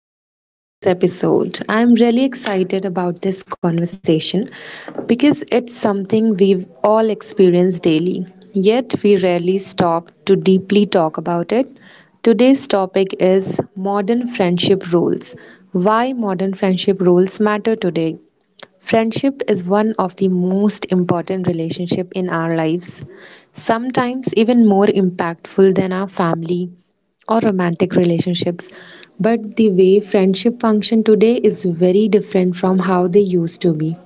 everyone to today's episode. I'm really excited about this conversation because it's something we've all experienced daily, yet we rarely stop to deeply talk about it. Today's topic is modern friendship rules. Why modern friendship rules matter today? Friendship is one of the most important relationship in our lives, sometimes even more impactful than our family, or romantic relationships. But the way friendship function today is very different from how they used to be.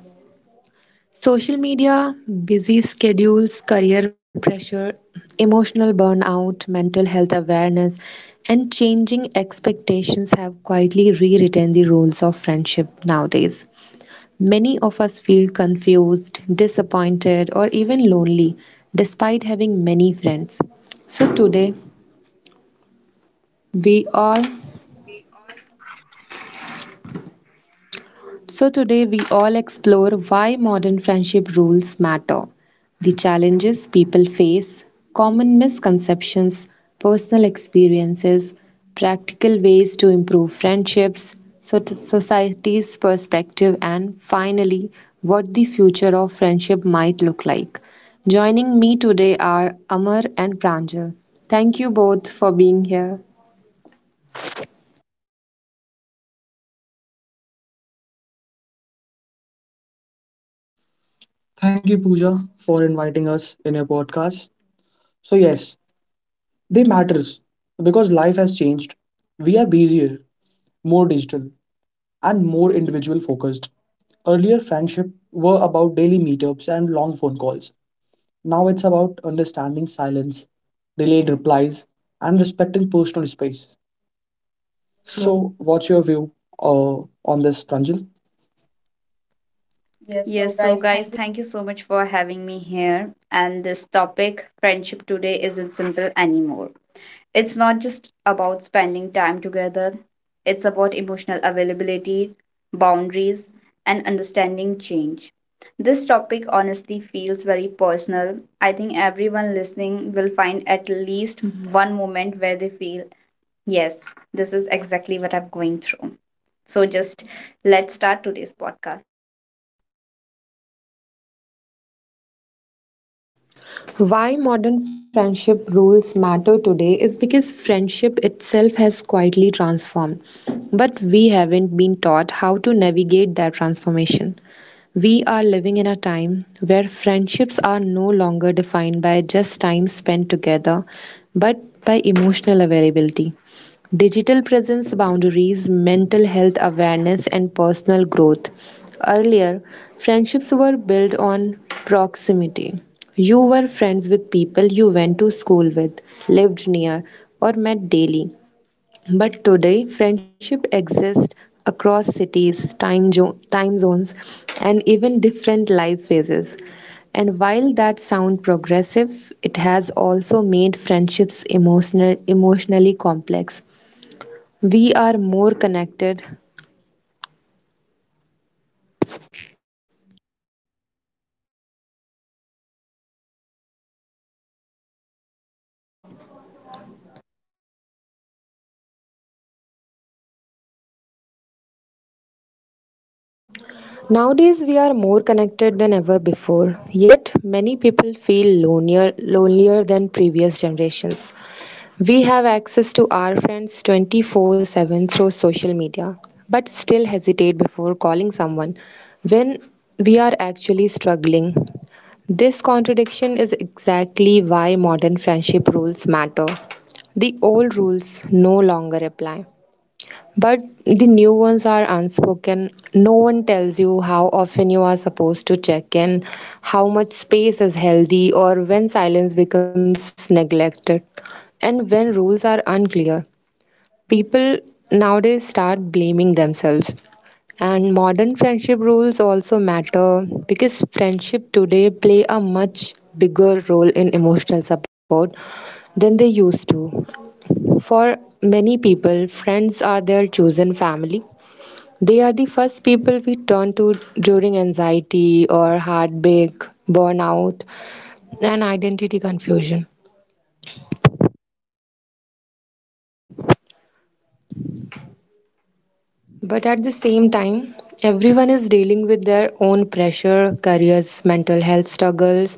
Social media, busy schedules, career pressure, emotional burnout, mental health awareness, and changing expectations have quietly rewritten the rules of friendship nowadays. Many of us feel confused, disappointed, or even lonely despite having many friends. So today, we all So today we all explore why modern friendship rules matter, the challenges people face, common misconceptions, personal experiences, practical ways to improve friendships, society's perspective, and finally, what the future of friendship might look like. Joining me today are Amar and Pranjal. Thank you both for being here. Thank you, Pooja, for inviting us in your podcast. So yes, they matters because life has changed. We are busier, more digital, and more individual focused. Earlier, friendship were about daily meetups and long phone calls. Now it's about understanding silence, delayed replies, and respecting personal space. So, So, what's your view uh, on this, Pranjal? Yes, so guys, thank you so much for having me here. And this topic, friendship today, isn't simple anymore. It's not just about spending time together, it's about emotional availability, boundaries, and understanding change. This topic honestly feels very personal. I think everyone listening will find at least one moment where they feel, yes, this is exactly what I'm going through. So, just let's start today's podcast. Why modern friendship rules matter today is because friendship itself has quietly transformed, but we haven't been taught how to navigate that transformation. We are living in a time where friendships are no longer defined by just time spent together, but by emotional availability. Digital presence boundaries, mental health awareness, and personal growth. Earlier, friendships were built on proximity. You were friends with people you went to school with, lived near, or met daily. But today, friendship exists across cities, time zones, and even different life phases. And while that sounds progressive, it has also made friendships emotionally complex. We are more connected. Nowadays, we are more connected than ever before. Yet, many people feel lonelier than previous generations. We have access to our friends 24/7 through social media, but still hesitate before calling someone when we are actually struggling. This contradiction is exactly why modern friendship rules matter. The old rules no longer apply. But the new ones are unspoken. No one tells you how often you are supposed to check in, how much space is healthy, or when silence becomes neglected, and when rules are unclear. People nowadays start blaming themselves. And modern friendship rules also matter because friendship today play a much bigger role in emotional support than they used to. For many people, friends are their chosen family, they are the first people we turn to during anxiety or heartbreak, burnout, and identity confusion. But at the same time, everyone is dealing with their own pressure, careers, mental health struggles,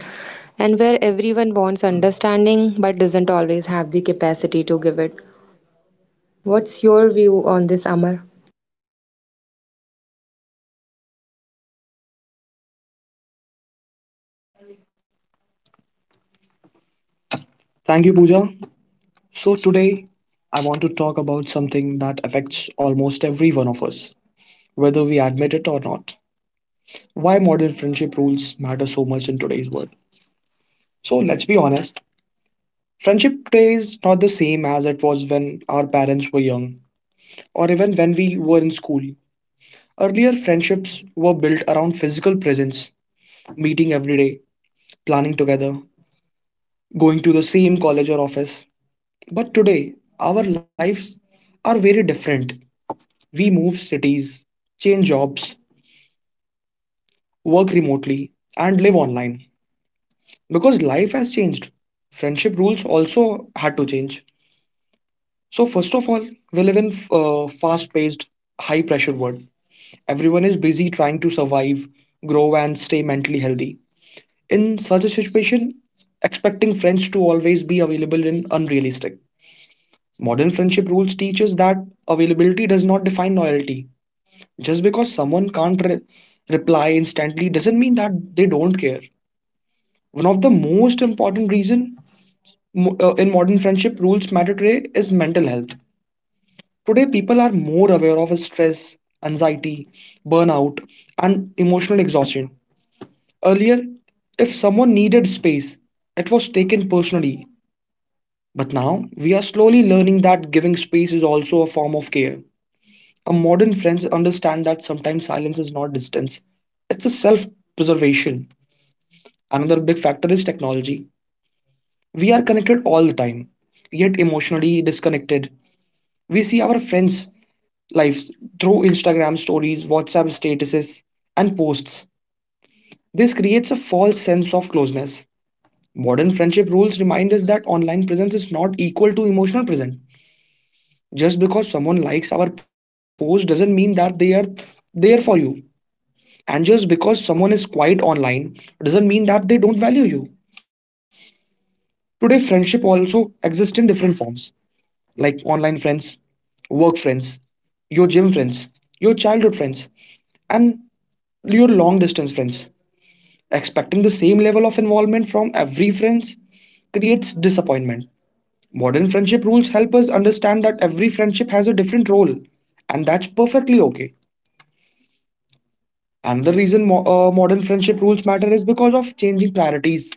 and where everyone wants understanding but doesn't always have the capacity to give it. What's your view on this, Amar? Thank you, Pooja. So today, I want to talk about something that affects almost every one of us whether we admit it or not. Why modern friendship rules matter so much in today's world. So let's be honest. Friendship today is not the same as it was when our parents were young or even when we were in school. Earlier, friendships were built around physical presence, meeting every day, planning together, going to the same college or office. But today, our lives are very different. We move cities, change jobs, work remotely, and live online. Because life has changed, friendship rules also had to change. So first of all, we live in fast-paced, high-pressure world. Everyone is busy trying to survive, grow, and stay mentally healthy. In such a situation, expecting friends to always be available is unrealistic. Modern friendship rules teaches that availability does not define loyalty. Just because someone can't re- reply instantly doesn't mean that they don't care. One of the most important reason in modern friendship, rules matter today is mental health. Today, people are more aware of stress, anxiety, burnout, and emotional exhaustion. Earlier, if someone needed space, it was taken personally. But now, we are slowly learning that giving space is also a form of care. A modern friends understand that sometimes silence is not distance, it's a self preservation. Another big factor is technology. We are connected all the time, yet emotionally disconnected. We see our friends' lives through Instagram stories, WhatsApp statuses, and posts. This creates a false sense of closeness. Modern friendship rules remind us that online presence is not equal to emotional presence. Just because someone likes our post doesn't mean that they are there for you. And just because someone is quiet online doesn't mean that they don't value you. Today, friendship also exists in different forms like online friends, work friends, your gym friends, your childhood friends, and your long distance friends. Expecting the same level of involvement from every friends creates disappointment. Modern friendship rules help us understand that every friendship has a different role, and that's perfectly okay. Another reason modern friendship rules matter is because of changing priorities,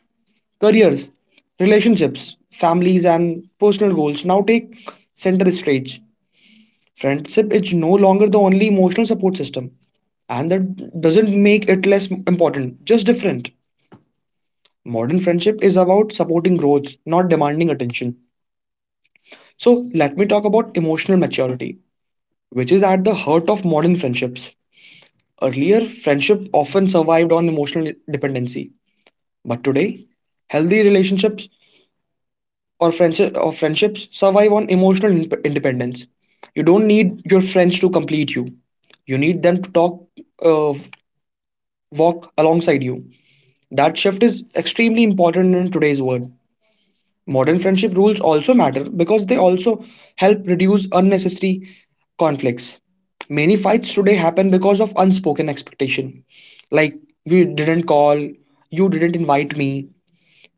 careers, relationships, families, and personal goals now take center stage. Friendship is no longer the only emotional support system, and that doesn't make it less important, just different. Modern friendship is about supporting growth, not demanding attention. So, let me talk about emotional maturity, which is at the heart of modern friendships. Earlier, friendship often survived on emotional dependency, but today, healthy relationships or friendships survive on emotional independence. You don't need your friends to complete you. You need them to talk, uh, walk alongside you. That shift is extremely important in today's world. Modern friendship rules also matter because they also help reduce unnecessary conflicts. Many fights today happen because of unspoken expectation. Like, you didn't call, you didn't invite me,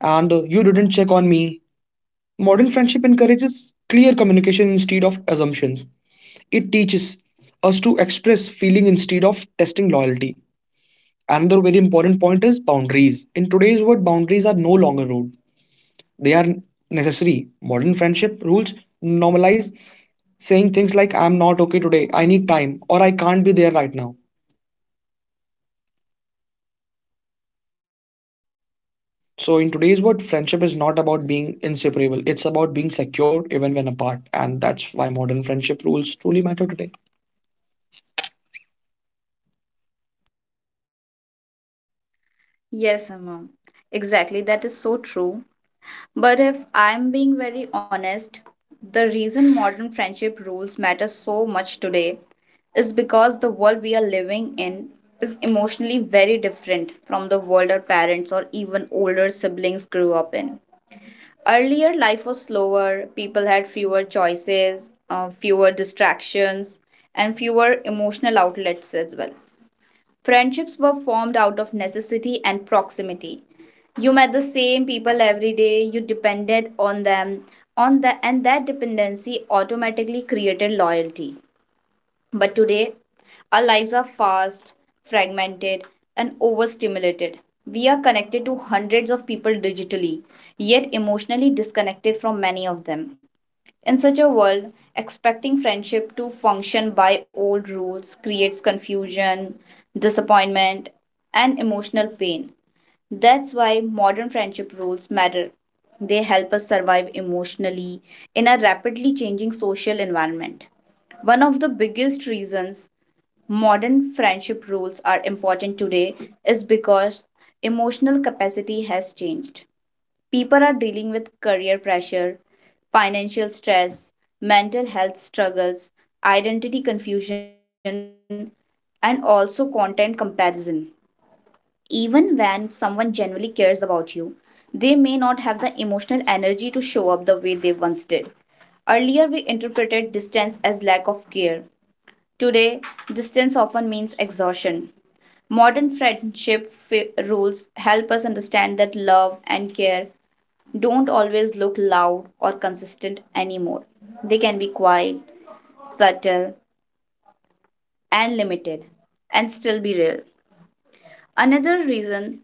and you didn't check on me. Modern friendship encourages clear communication instead of assumption. It teaches us to express feeling instead of testing loyalty. Another very important point is boundaries. In today's world, boundaries are no longer rude, they are necessary. Modern friendship rules normalize saying things like, I'm not okay today, I need time, or I can't be there right now. So, in today's world, friendship is not about being inseparable, it's about being secure even when apart. And that's why modern friendship rules truly matter today. Yes, Amma. Exactly. That is so true. But if I'm being very honest, the reason modern friendship rules matter so much today is because the world we are living in is emotionally very different from the world our parents or even older siblings grew up in. Earlier, life was slower, people had fewer choices, fewer distractions, and fewer emotional outlets as well. Friendships were formed out of necessity and proximity. You met the same people every day, you depended on them, on the and that dependency automatically created loyalty. But today, our lives are fast, fragmented, and overstimulated. We are connected to hundreds of people digitally, yet emotionally disconnected from many of them. In such a world, expecting friendship to function by old rules creates confusion, disappointment, and emotional pain. That's why modern friendship rules matter. They help us survive emotionally in a rapidly changing social environment. One of the biggest reasons modern friendship rules are important today is because emotional capacity has changed. People are dealing with career pressure, financial stress, mental health struggles, identity confusion, and also content comparison. Even when someone genuinely cares about you, they may not have the emotional energy to show up the way they once did. Earlier, we interpreted distance as lack of care. Today, distance often means exhaustion. Modern friendship rules help us understand that love and care don't always look loud or consistent anymore. They can be quiet, subtle, and limited, and still be real. Another reason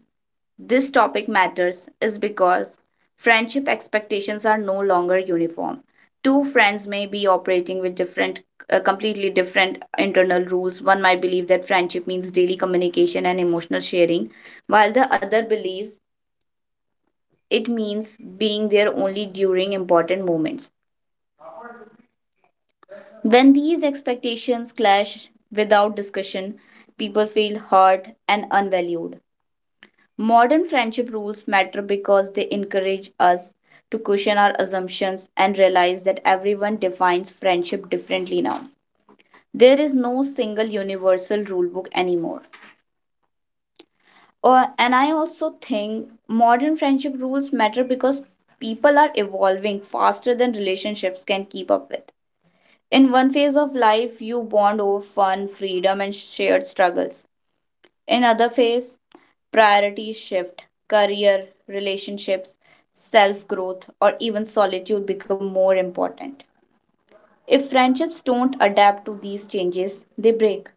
this topic matters is because friendship expectations are no longer uniform. Two friends may be operating with completely different internal rules. One might believe that friendship means daily communication and emotional sharing, while the other believes it means being there only during important moments. When these expectations clash without discussion, people feel hurt and unvalued. Modern friendship rules matter because they encourage us to question our assumptions and realize that everyone defines friendship differently now. There is no single universal rule book anymore. Or, and I also think modern friendship rules matter because people are evolving faster than relationships can keep up with. In one phase of life, you bond over fun, freedom, and shared struggles. In other phase, priorities shift, career, relationships, self growth, or even solitude become more important. If friendships don't adapt to these changes, they break.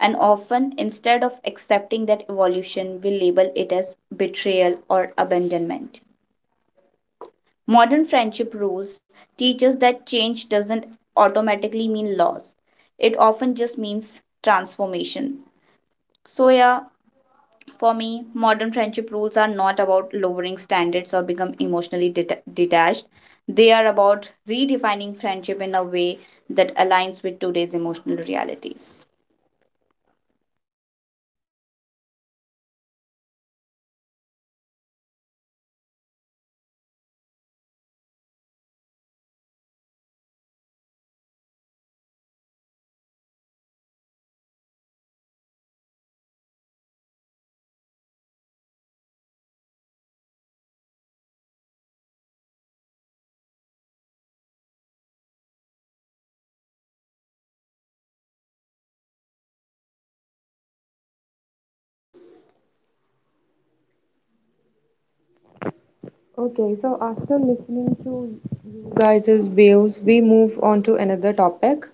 And often, instead of accepting that evolution, we label it as betrayal or abandonment. Modern friendship rules teach us that change doesn't automatically mean loss. It often just means transformation. So yeah, for me, modern friendship rules are not about lowering standards or become emotionally detached. They are about redefining friendship in a way that aligns with today's emotional realities. Okay, so after listening to you Guys' views, we move on to another topic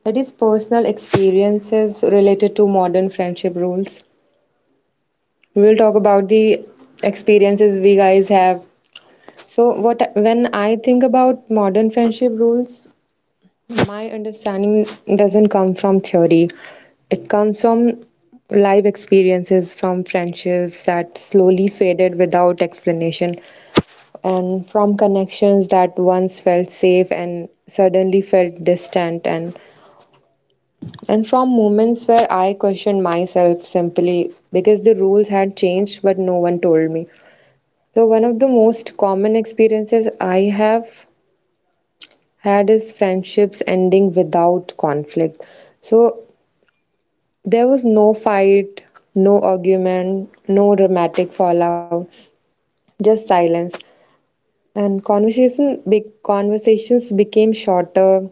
that is personal experiences related to modern friendship rules. We will talk about the experiences we guys have. So what when I think about modern friendship rules, my understanding doesn't come from theory. It comes from live experiences, from friendships that slowly faded without explanation and from connections that once felt safe and suddenly felt distant and from moments where I questioned myself simply because the rules had changed but no one told me. So, one of the most common experiences I have had is friendships ending without conflict. So, there was no fight, no argument, no dramatic fallout, just silence. And conversations became shorter,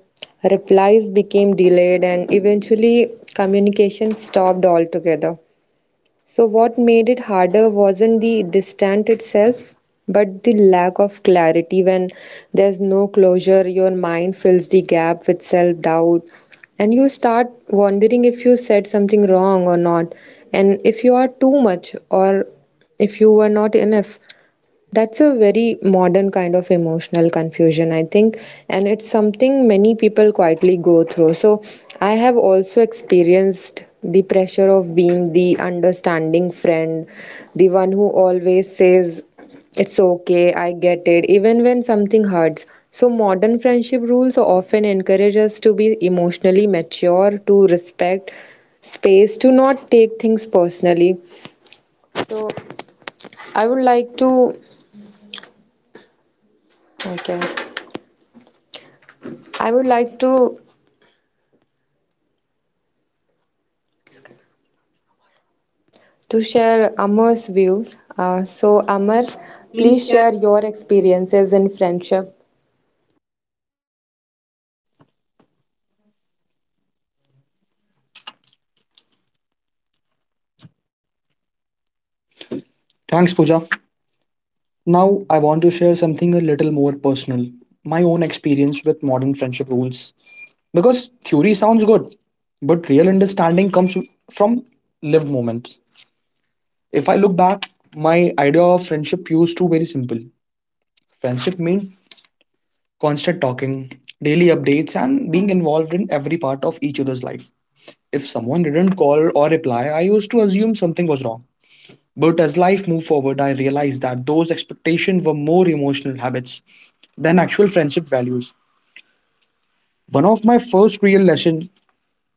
replies became delayed, and eventually communication stopped altogether. So what made it harder wasn't the distant itself, but the lack of clarity. When there's no closure, your mind fills the gap with self doubt, and you start wondering if you said something wrong or not, and if you are too much or if you were not enough. That's a very modern kind of emotional confusion, I think, and it's something many people quietly go through. So, I have also experienced the pressure of being the understanding friend, the one who always says, "It's okay, I get it," even when something hurts. So, modern friendship rules often encourage us to be emotionally mature, to respect space, to not take things personally. So, I would like to. Okay. I would like to share Amar's views. So Amar, please share your experiences in friendship. Thanks, Pooja. Now, I want to share something a little more personal, my own experience with modern friendship rules. Because theory sounds good, but real understanding comes from lived moments. If I look back, my idea of friendship used to very simple. Friendship meant constant talking, daily updates, and being involved in every part of each other's life. If someone didn't call or reply, I used to assume something was wrong. But as life moved forward, I realized that those expectations were more emotional habits than actual friendship values. One of my first real lesson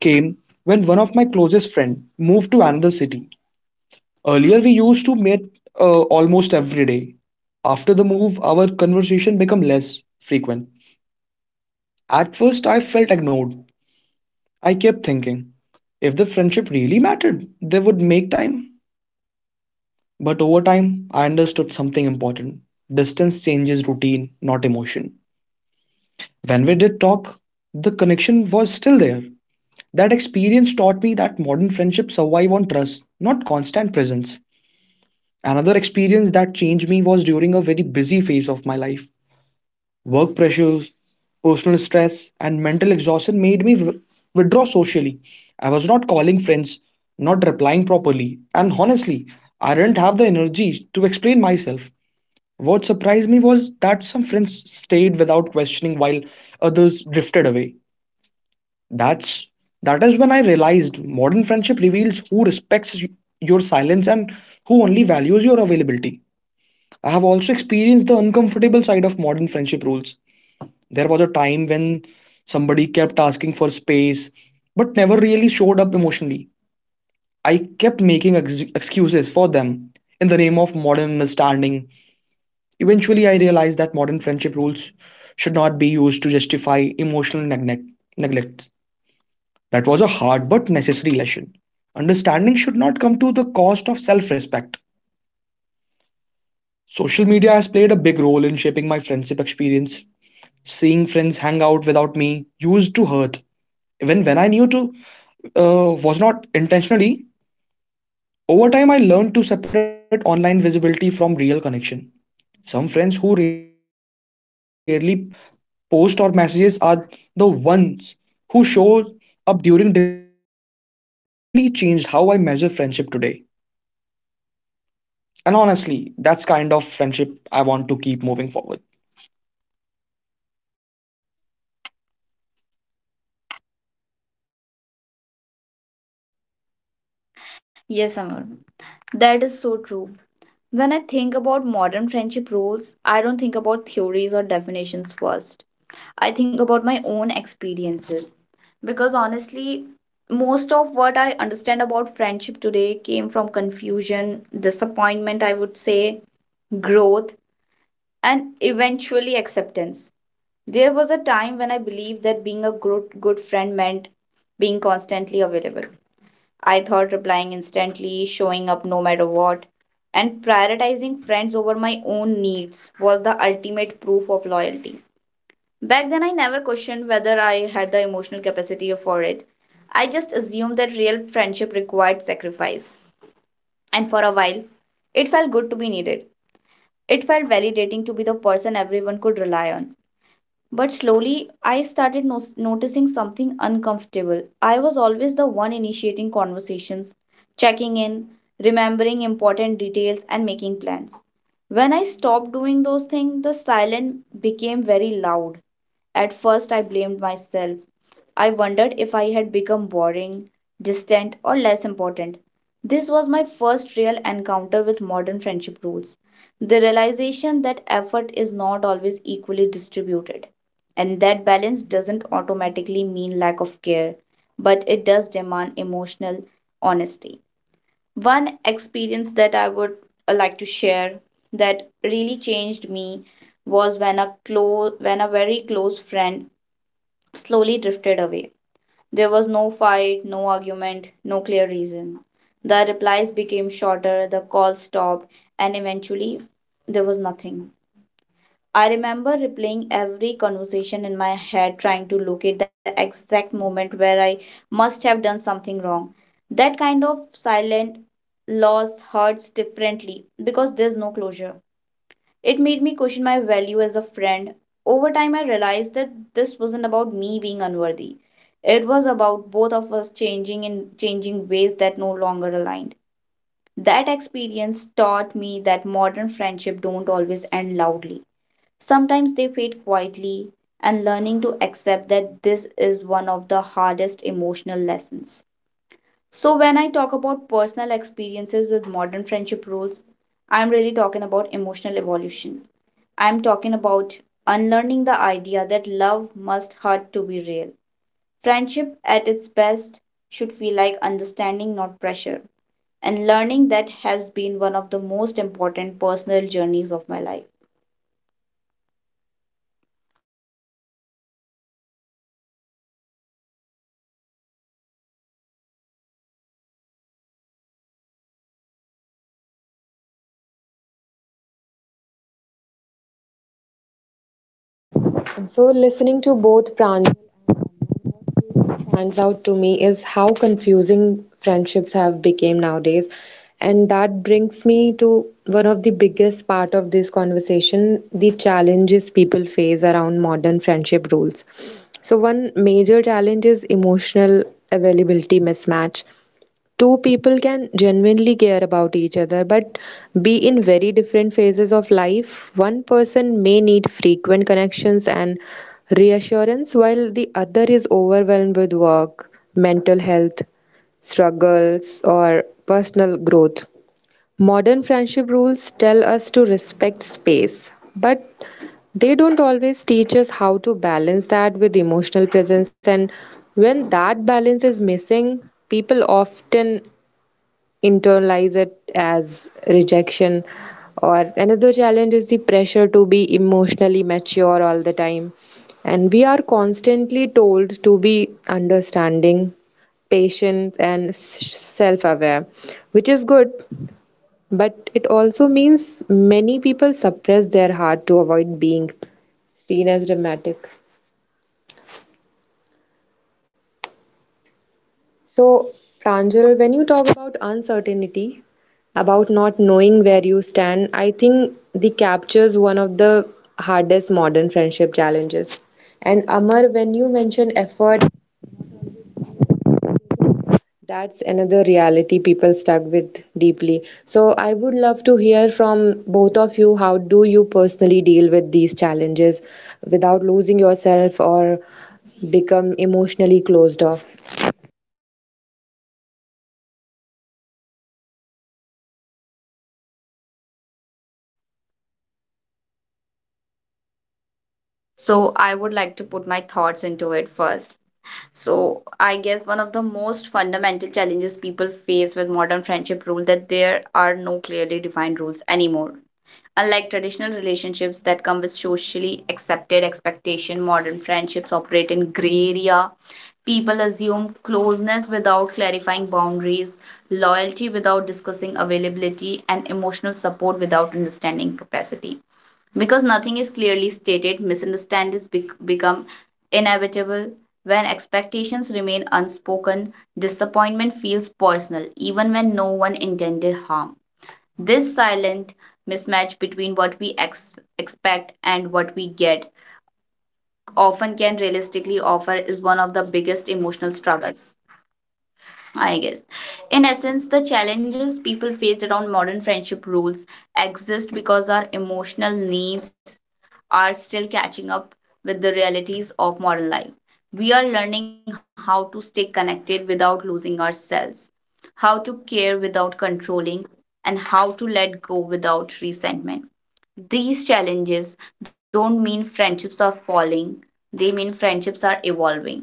came when one of my closest friend moved to another city. Earlier, we used to meet almost every day. After the move, our conversation became less frequent. At first, I felt ignored. I kept thinking, if the friendship really mattered, they would make time. But over time, I understood something important: distance changes routine, not emotion. When we did talk, the connection was still there. That experience taught me that modern friendships survive on trust, not constant presence. Another experience that changed me was during a very busy phase of my life. Work pressures, personal stress, and mental exhaustion made me withdraw socially. I was not calling friends, not replying properly, and honestly, I didn't have the energy to explain myself. What surprised me was that some friends stayed without questioning while others drifted away. That's that is when I realized modern friendship reveals who respects your silence and who only values your availability. I have also experienced the uncomfortable side of modern friendship rules. There was a time when somebody kept asking for space but never really showed up emotionally. I kept making excuses for them in the name of modern understanding. Eventually, I realized that modern friendship rules should not be used to justify emotional neglect. That was a hard but necessary lesson. Understanding should not come to the cost of self respect. Social media has played a big role in shaping my friendship experience. Seeing friends hang out without me used to hurt, even when I knew to was not intentionally. Over time, I learned to separate online visibility from real connection. Some friends who rarely post or messages are the ones who show up during difficult time. That completely changed how I measure friendship today. And honestly, that's kind of friendship I want to keep moving forward. Yes, Amar. That is so true. When I think about modern friendship rules, I don't think about theories or definitions first. I think about my own experiences because honestly, most of what I understand about friendship today came from confusion, disappointment, I would say, growth, and eventually acceptance. There was a time when I believed that being a good friend meant being constantly available. I thought replying instantly, showing up no matter what, and prioritizing friends over my own needs was the ultimate proof of loyalty. Back then, I never questioned whether I had the emotional capacity for it. I just assumed that real friendship required sacrifice. And for a while, it felt good to be needed. It felt validating to be the person everyone could rely on. But slowly, I started noticing something uncomfortable. I was always the one initiating conversations, checking in, remembering important details, and making plans. When I stopped doing those things, the silence became very loud. At first, I blamed myself. I wondered if I had become boring, distant, or less important. This was my first real encounter with modern friendship rules. The realization that effort is not always equally distributed and that balance doesn't automatically mean lack of care, but it does demand emotional honesty. One experience that I would like to share that really changed me was when a close when a very close friend slowly drifted away. There was no fight, no argument, no clear reason. The replies became shorter, the calls stopped, and eventually there was nothing. I remember replaying every conversation in my head, trying to locate the exact moment where I must have done something wrong. That kind of silent loss hurts differently because there's no closure. It made me question my value as a friend. Over time, I realized that this wasn't about me being unworthy. It was about both of us changing in changing ways that no longer aligned. That experience taught me that modern friendship don't always end loudly. Sometimes they fade quietly, and learning to accept that this is one of the hardest emotional lessons. So, when I talk about personal experiences with modern friendship rules, I'm really talking about emotional evolution. I'm talking about unlearning the idea that love must hurt to be real. Friendship at its best should feel like understanding, not pressure. And learning that has been one of the most important personal journeys of my life. So listening to both Pran stands out to me is how confusing friendships have become nowadays, and that brings me to one of the biggest part of this conversation: the challenges people face around modern friendship rules. So one major challenge is emotional availability mismatch. Two people can genuinely care about each other but be in very different phases of life. One person may need frequent connections and reassurance, while the other is overwhelmed with work, mental health struggles, or personal growth. Modern friendship rules tell us to respect space, but they don't always teach us how to balance that with emotional presence. And when that balance is missing, people often internalize it as rejection. Or another challenge is the pressure to be emotionally mature all the time, and we are constantly told to be understanding, patient, and self aware, which is good, but it also means many people suppress their heart to avoid being seen as dramatic. So, Pranjal, when you talk about uncertainty, about not knowing where you stand, I think the captures one of the hardest modern friendship challenges. And Amar, when you mention effort, that's another reality people stuck with deeply. So I would love to hear from both of you, how do you personally deal with these challenges without losing yourself or become emotionally closed off? So I would like to put my thoughts into it first. So I guess one of the most fundamental challenges people face with modern friendship rule that there are no clearly defined rules anymore. Unlike traditional relationships that come with socially accepted expectation, modern friendships operate in gray area. People assume closeness without clarifying boundaries, loyalty without discussing availability, and emotional support without understanding capacity because nothing is clearly stated, misunderstandings become inevitable. When expectations remain unspoken, disappointment feels personal, even when no one intended harm. This silent mismatch between what we expect and what we get often can realistically offer is one of the biggest emotional struggles, I guess. In essence, the challenges people faced around modern friendship rules exist because our emotional needs are still catching up with the realities of modern life. We are learning how to stay connected without losing ourselves, how to care without controlling, and how to let go without resentment. These challenges don't mean friendships are falling, they mean friendships are evolving,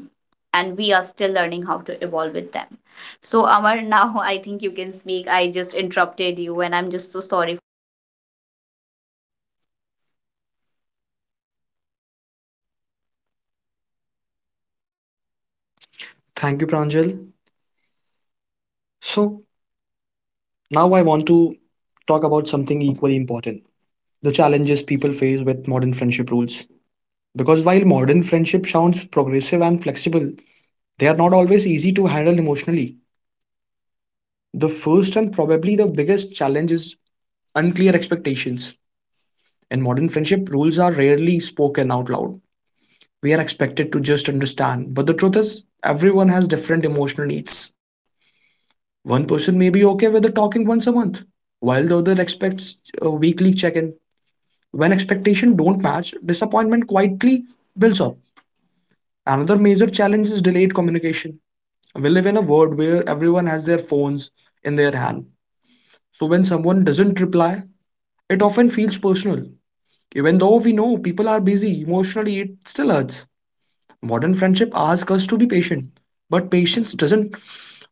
and we are still learning how to evolve with them. So, Amar, now I think you can speak. I just interrupted you, and I'm just so sorry. Thank you, Pranjal. So, now I want to talk about something equally important, the challenges people face with modern friendship rules. Because while modern friendship sounds progressive and flexible, they are not always easy to handle emotionally. The first and probably the biggest challenge is unclear expectations. In modern friendship, rules are rarely spoken out loud. We are expected to just understand, but the truth is, everyone has different emotional needs. One person may be okay with the talking once a month, while the other expects a weekly check-in. When expectations don't match, disappointment quietly builds up. Another major challenge is delayed communication. We live in a world where everyone has their phones in their hand. So when someone doesn't reply, it often feels personal. Even though we know people are busy emotionally, it still hurts. Modern friendship asks us to be patient, but patience doesn't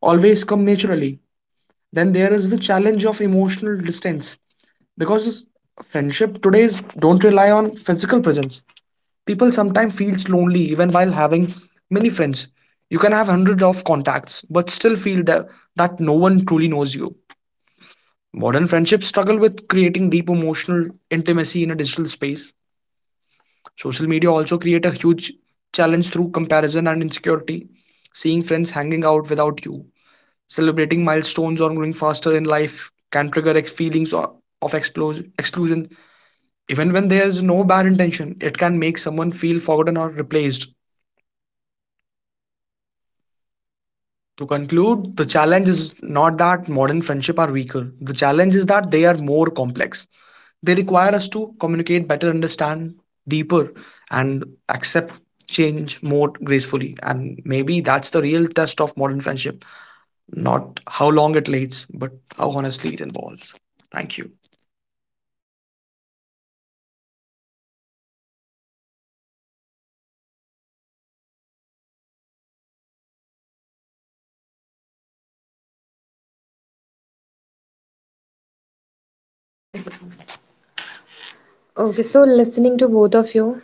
always come naturally. Then there is the challenge of emotional distance, because friendship today's don't rely on physical presence. People sometimes feels lonely even while having many friends. You can have hundreds of contacts but still feel that no one truly knows you. Modern friendships struggle with creating deep emotional intimacy a digital space. Social media also create a huge challenge through comparison and insecurity, seeing friends hanging out without you, celebrating milestones or growing faster in life can trigger feelings of exclusion. Even when there is no bad intention, it can make someone feel forgotten or replaced. To conclude, the challenge is not that modern friendship are weaker. The challenge is that they are more complex. They require us to communicate better, understand deeper, and accept change more gracefully. And maybe that's the real test of modern friendship, not how long it lasts, but how honestly it involves. Thank you. Okay, so listening to both of you,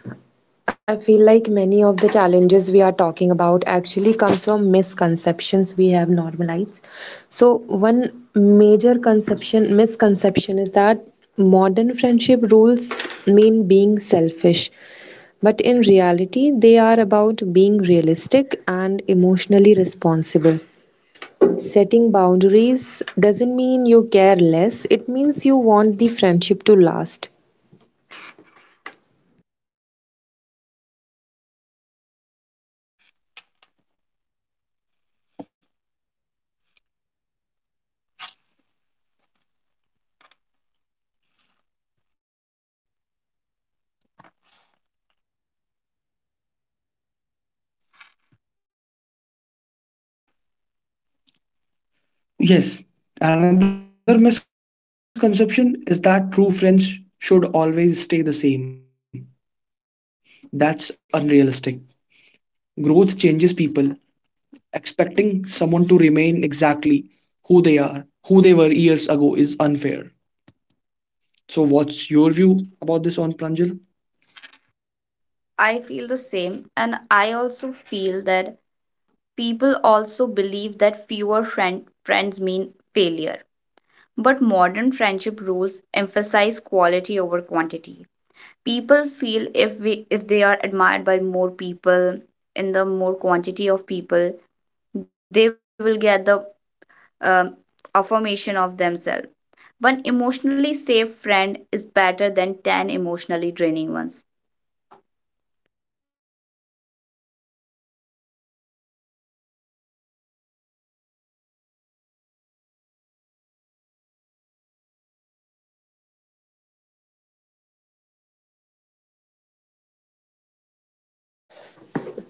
I feel like many of the challenges we are talking about actually comes from misconceptions we have normalized. So one major conception misconception is that modern friendship rules mean being selfish. But in reality, they are about being realistic and emotionally responsible. Setting boundaries doesn't mean you care less, it means you want the friendship to last. Yes, another misconception is that true friends should always stay the same. That's unrealistic. Growth changes people. Expecting someone to remain exactly who they are, who they were years ago, is unfair. So, what's your view about this on Pranjal? I feel the same, and I also feel that people also believe that fewer friends mean failure. But modern friendship rules emphasize quality over quantity. People feel if they are admired by more people in the more quantity of people, they will get the um, affirmation of themselves. One emotionally safe friend is better than 10 emotionally draining ones.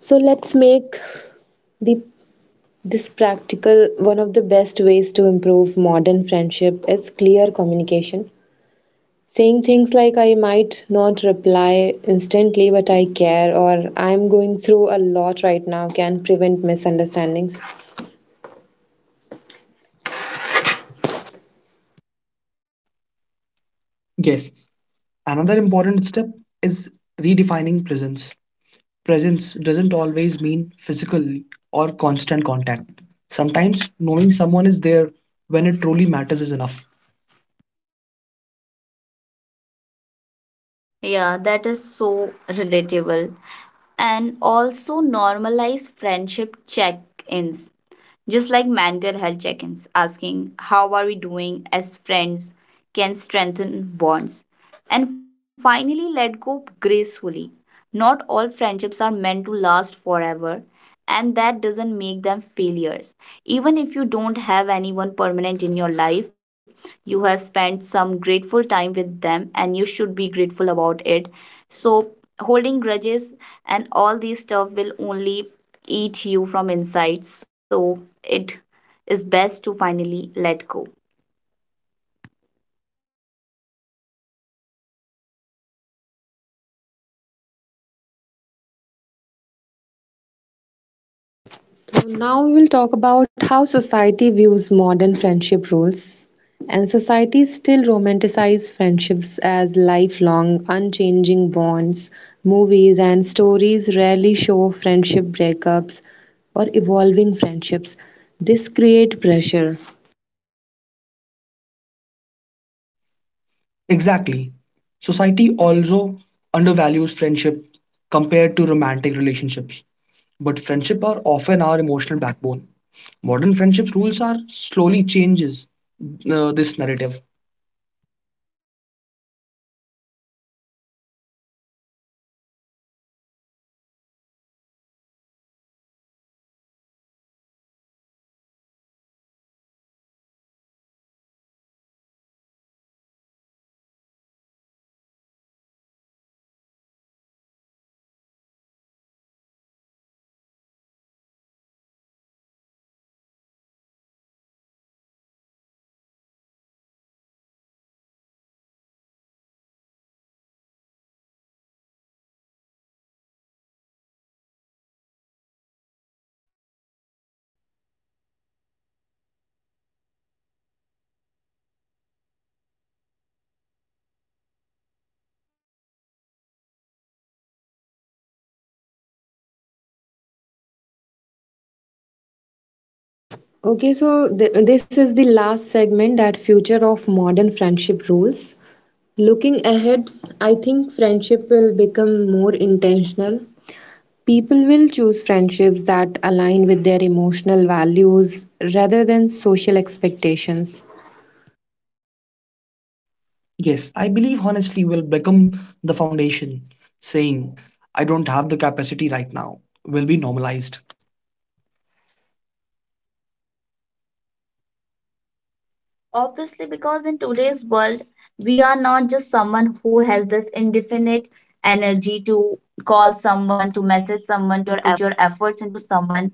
So let's make the this practical. One of the best ways to improve modern friendship is clear communication. Saying things like "I might not reply instantly but I care" or "I'm going through a lot right now" can prevent misunderstandings. Yes, another important step is redefining presence. Presence doesn't always mean physical or constant contact. Sometimes knowing someone is there when it truly matters is enough. Yeah, that is so relatable, and also normalize friendship check-ins. Just like mental health check ins, asking how are we doing as friends can strengthen bonds. And finally, let go gracefully. Not all friendships are meant to last forever, and that doesn't make them failures. Even if you don't have anyone permanent in your life, you have spent some grateful time with them, and you should be grateful about it. So, holding grudges and all these stuff will only eat you from inside, so it is best to finally let go. So now we will talk about how society views modern friendship rules. And society still romanticizes friendships as lifelong, unchanging bonds. Movies and stories rarely show friendship breakups or evolving friendships. This creates pressure. Exactly. Society also undervalues friendship compared to romantic relationships. But friendship are often our emotional backbone. Modern friendships rules are slowly changes this narrative. Yes, and I also think that mental health awareness is also very important in today's world, as mental health is helping society accept their friendships need flexibility, empathy, and space. As we are growing digitally in today's world, mental health awareness is very important, and it also has helped many people, and I think this is not a luxury to provide anyone. I think this is the necessity for today's world. Okay, so this is the last segment, that future of modern friendship rules. Looking ahead, I think friendship will become more intentional. People will choose friendships that align with their emotional values rather than social expectations. Yes, I believe honestly will become the foundation. Saying I don't have the capacity right now will be normalized. Obviously, because in today's world, we are not just someone who has this indefinite energy to call someone, to message someone, to put your efforts into someone.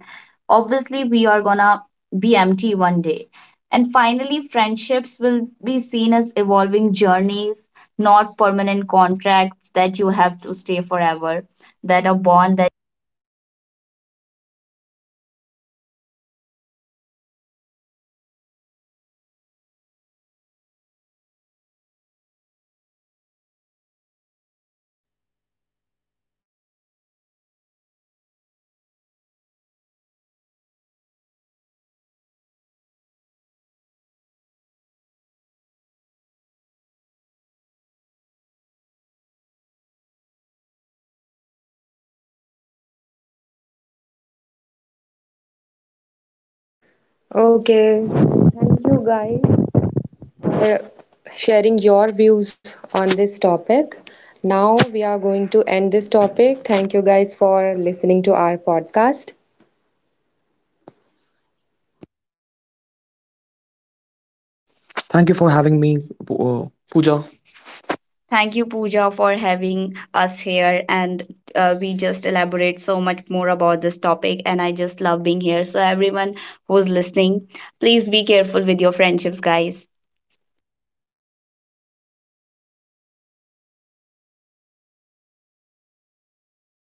Obviously, we are gonna be empty one day. And finally, friendships will be seen as evolving journeys, not permanent contracts that you have to stay forever, that a bond that you cannot break. It will be it will be like the sunsets that we live for, that we know that is gonna set, but we still enjoy it until it does. तुमने लोगों से बोलो पटापट कुरी उसको उसको बंद करना बस बस उसको बंद करना है बोलो. So now we have come to the end of the podcast. Thank you everyone for वो करके बस नहीं बोलो बोलो हाँ Okay, thank you guys for sharing your views on this topic. Now we are going to end this topic. Thank you guys for listening to our podcast. Thank you for having me, uh, Pooja. Thank you, Pooja, for having us here. And we just elaborate so much more about this topic. And I just love being here. So, everyone who's listening, please be careful with your friendships, guys.